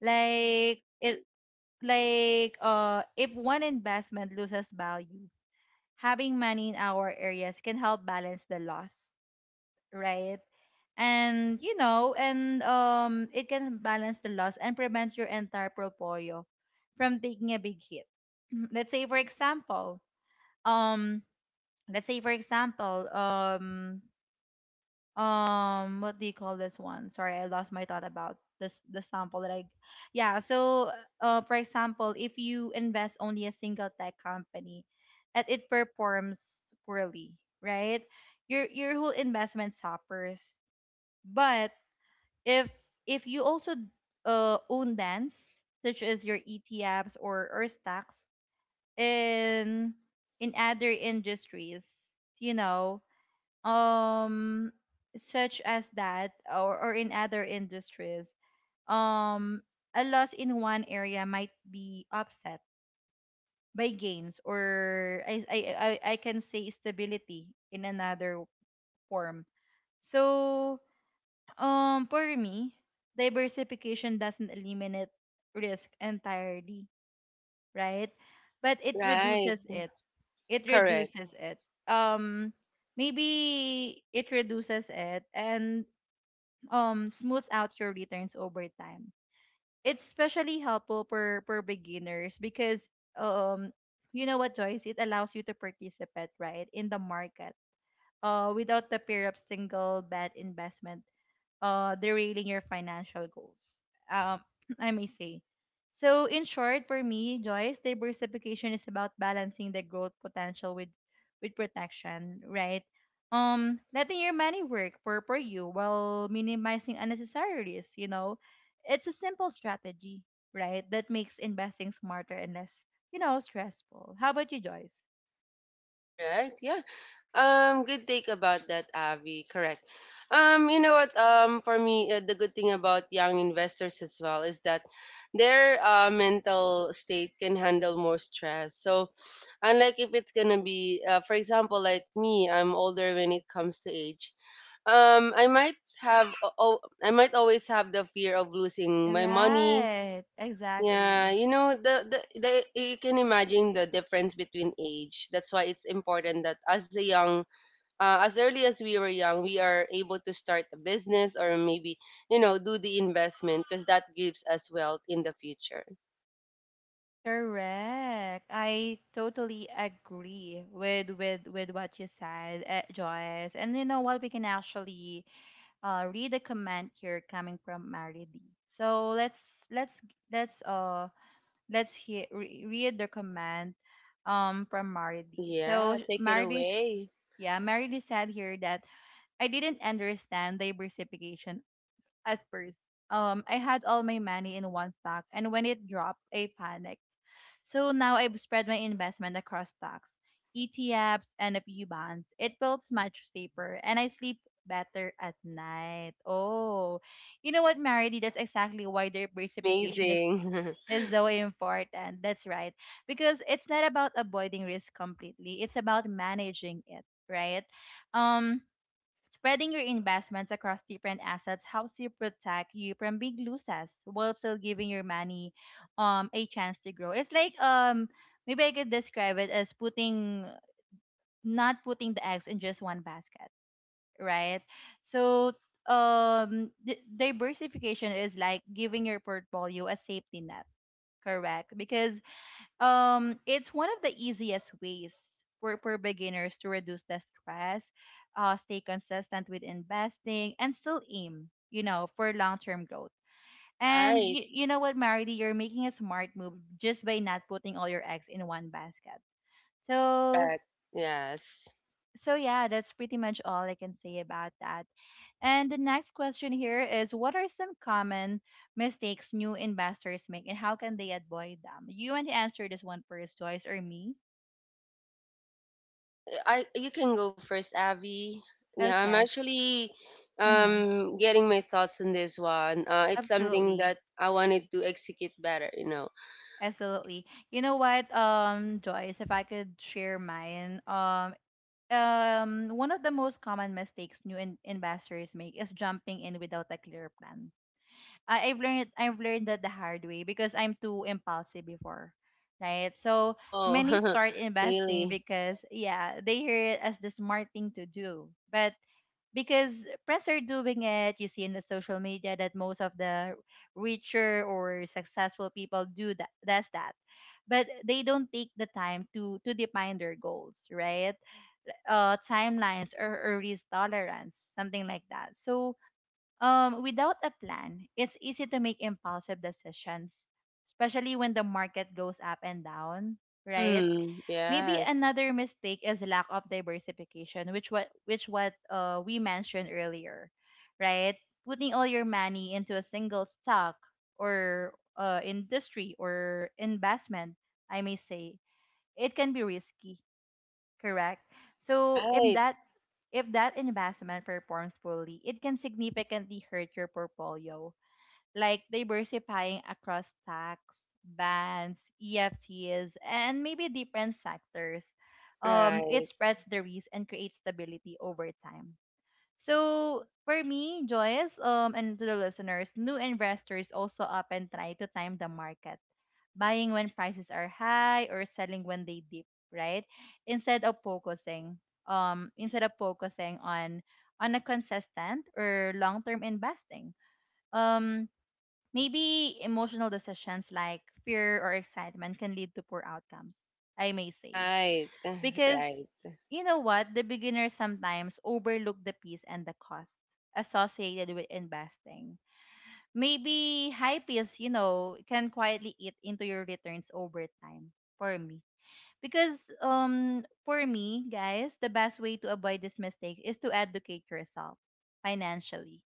Like it like uh if one investment loses value, having money in our areas can help balance the loss, right? And you know, and um it can balance the loss and prevent your entire portfolio from taking a big hit. Let's say for example, um let's say for example um um what do you call this one sorry, I lost my thought about this, the sample that I, yeah. So uh for example, if you invest only a single tech company and it performs poorly, right, your your whole investment suffers. But if if you also uh own bands such as your ETFs or or stocks in in other industries, you know, um such as that or, or in other industries, um a loss in one area might be offset by gains, or I, I, I I can say stability in another form. So um for me, diversification doesn't eliminate risk entirely, right, but it Right. reduces it, it Correct. reduces it, um maybe it reduces it and um smooths out your returns over time. It's especially helpful for for beginners because um you know what, Joyce, it allows you to participate, right, in the market, uh without the fear of single bad investment uh, derailing your financial goals, um, I may say. So, in short, for me, Joyce, diversification is about balancing the growth potential with with protection, right? Um, letting your money work for for you while minimizing unnecessary risks. You know, it's a simple strategy, right, that makes investing smarter and less, you know, stressful. How about you, Joyce? All right. Yeah. Um, good take about that, Avi. Correct. Um, you know what? Um, for me, uh, the good thing about young investors as well is that their uh, mental state can handle more stress. So, unlike if it's gonna be, uh, for example, like me, I'm older when it comes to age. Um, I might have, oh, I might always have the fear of losing my money. Right, Yeah, exactly. you know the, the the you can imagine the difference between age. That's why it's important that as a young, uh, as early as we were young, we are able to start a business or maybe you know do the investment because that gives us wealth in the future. Correct. I totally agree with with with what you said, uh, Joyce. And you know what? We can actually uh, read a comment here coming from Maridi. So let's let's let's uh let's hear re- read the comment um from Maridi. So Yeah, sh- take it Maridi's, away. yeah, Maridi said here that: I didn't understand diversification at first, um, I had all my money in one stock, and when it dropped, I panicked. So now I've spread my investment across stocks, E T Fs, and a few bonds. It feels much safer, and I sleep better at night. Oh, you know what, Marity? That's exactly why diversification is Amazing. is so important. That's right, because it's not about avoiding risk completely. It's about managing it, right? Um, spreading your investments across different assets helps you protect you from big losses while still giving your money um a chance to grow. It's like um maybe I could describe it as putting, not putting the eggs in just one basket, right? So um di- diversification is like giving your portfolio a safety net, correct? Because um, it's one of the easiest ways for, for beginners to reduce the stress, uh, stay consistent with investing, and still aim, you know, for long-term growth. And Right? you, you know what, Marity, you're making a smart move just by not putting all your eggs in one basket. So, Correct. Yes. so yeah, that's pretty much all I can say about that. And the next question here is, what are some common mistakes new investors make, and how can they avoid them? You want to answer this one first, Joyce, or me? I you can go first, Abby. Yeah, I'm Okay. actually um Mm-hmm. getting my thoughts on this one. Uh, it's something Absolutely. that I wanted to execute better, you know. Absolutely. You know what, um, Joyce, if I could share mine, um, um, one of the most common mistakes new in- investors make is jumping in without a clear plan. I- I've learned I've learned that the hard way because I'm too impulsive before, right? So many Oh, start investing really? because yeah, they hear it as the smart thing to do, but because friends are doing it. You see in the social media that most of the richer or successful people do that does that. But they don't take the time to to define their goals, right? Uh, timelines or, or risk tolerance, something like that. So um, without a plan, it's easy to make impulsive decisions, especially when the market goes up and down, right? Mm, Maybe yes. another mistake is lack of diversification, which what which what uh, we mentioned earlier, right? Putting all your money into a single stock or uh, industry or investment, I may say, it can be risky, correct? So if Right, that if that investment performs poorly, it can significantly hurt your portfolio like diversifying across tax, bans, E F Ts, and maybe different sectors. Um, right, It spreads the risk and creates stability over time. So for me, Joyce, um, and to the listeners, new investors also often try to time the market, buying when prices are high or selling when they dip, right? Instead of focusing, um, Instead of focusing on on a consistent or long-term investing. Um, Maybe emotional decisions like fear or excitement can lead to poor outcomes, I may say. right, right, Because you know what? The beginners sometimes overlook the peace and the cost associated with investing. Maybe high peace, you know, can quietly eat into your returns over time for me. Because um for me, guys, the best way to avoid this mistake is to educate yourself financially.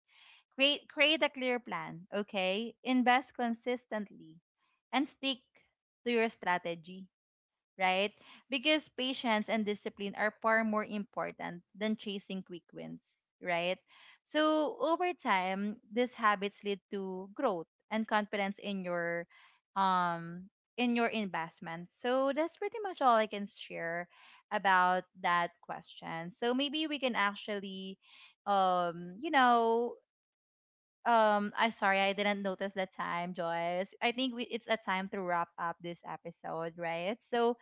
Create create a clear plan, okay? Invest consistently and stick to your strategy, right? Because patience and discipline are far more important than chasing quick wins, right? So over time, these habits lead to growth and confidence in your um in your investment. So that's pretty much all I can share about that question. So maybe we can actually um you know um, I sorry, I didn't notice the time, Joyce. I think we, it's a time to wrap up this episode, right? So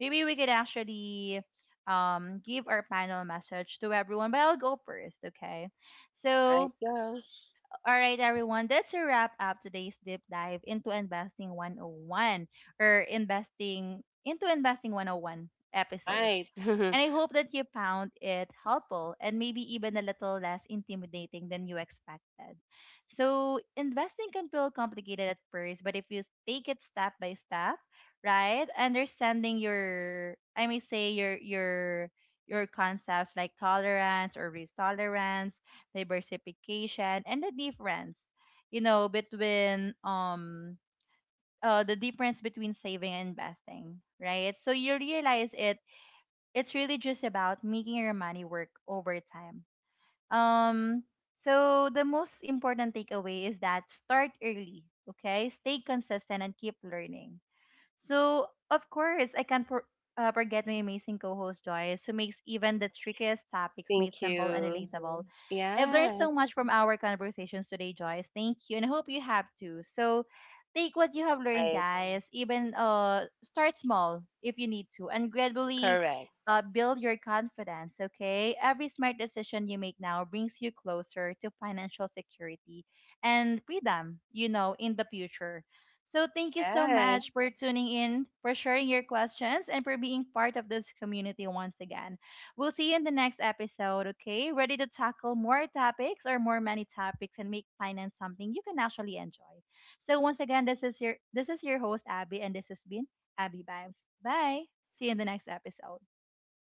maybe we could actually um give our panel message to everyone, but I'll go first, okay? right, So, go. all right, everyone, that's a wrap up today's deep dive into investing one oh one or investing into investing one oh one episode. Right. And I hope that you found it helpful and maybe even a little less intimidating than you expected. So, investing can feel complicated at first, but if you take it step by step, right? Understanding your I may say your your your concepts like tolerance or risk tolerance, diversification, and the difference, you know, between um uh, the difference between saving and investing, right? So you realize it it's really just about making your money work over time. Um, so the most important takeaway is that start early, okay? Stay consistent and keep learning. So, of course, I can't for, uh, forget my amazing co host Joyce, who makes even the trickiest topics Thank made simple and you. relatable. I've learned so Yes. much from our conversations today, Joyce. Thank you, and I hope you have too. So, take what you have learned, Right. guys. Even uh, start small if you need to, and gradually Correct. uh, build your confidence, okay? Every smart decision you make now brings you closer to financial security and freedom, you know, in the future. So thank you so much for Yes. tuning in, for sharing your questions, and for being part of this community once again. We'll see you in the next episode, okay? Ready to tackle more topics or more many topics and make finance something you can actually enjoy. So once again, this is your this is your host Abby and this has been Abby Vibes. Bye. See you in the next episode.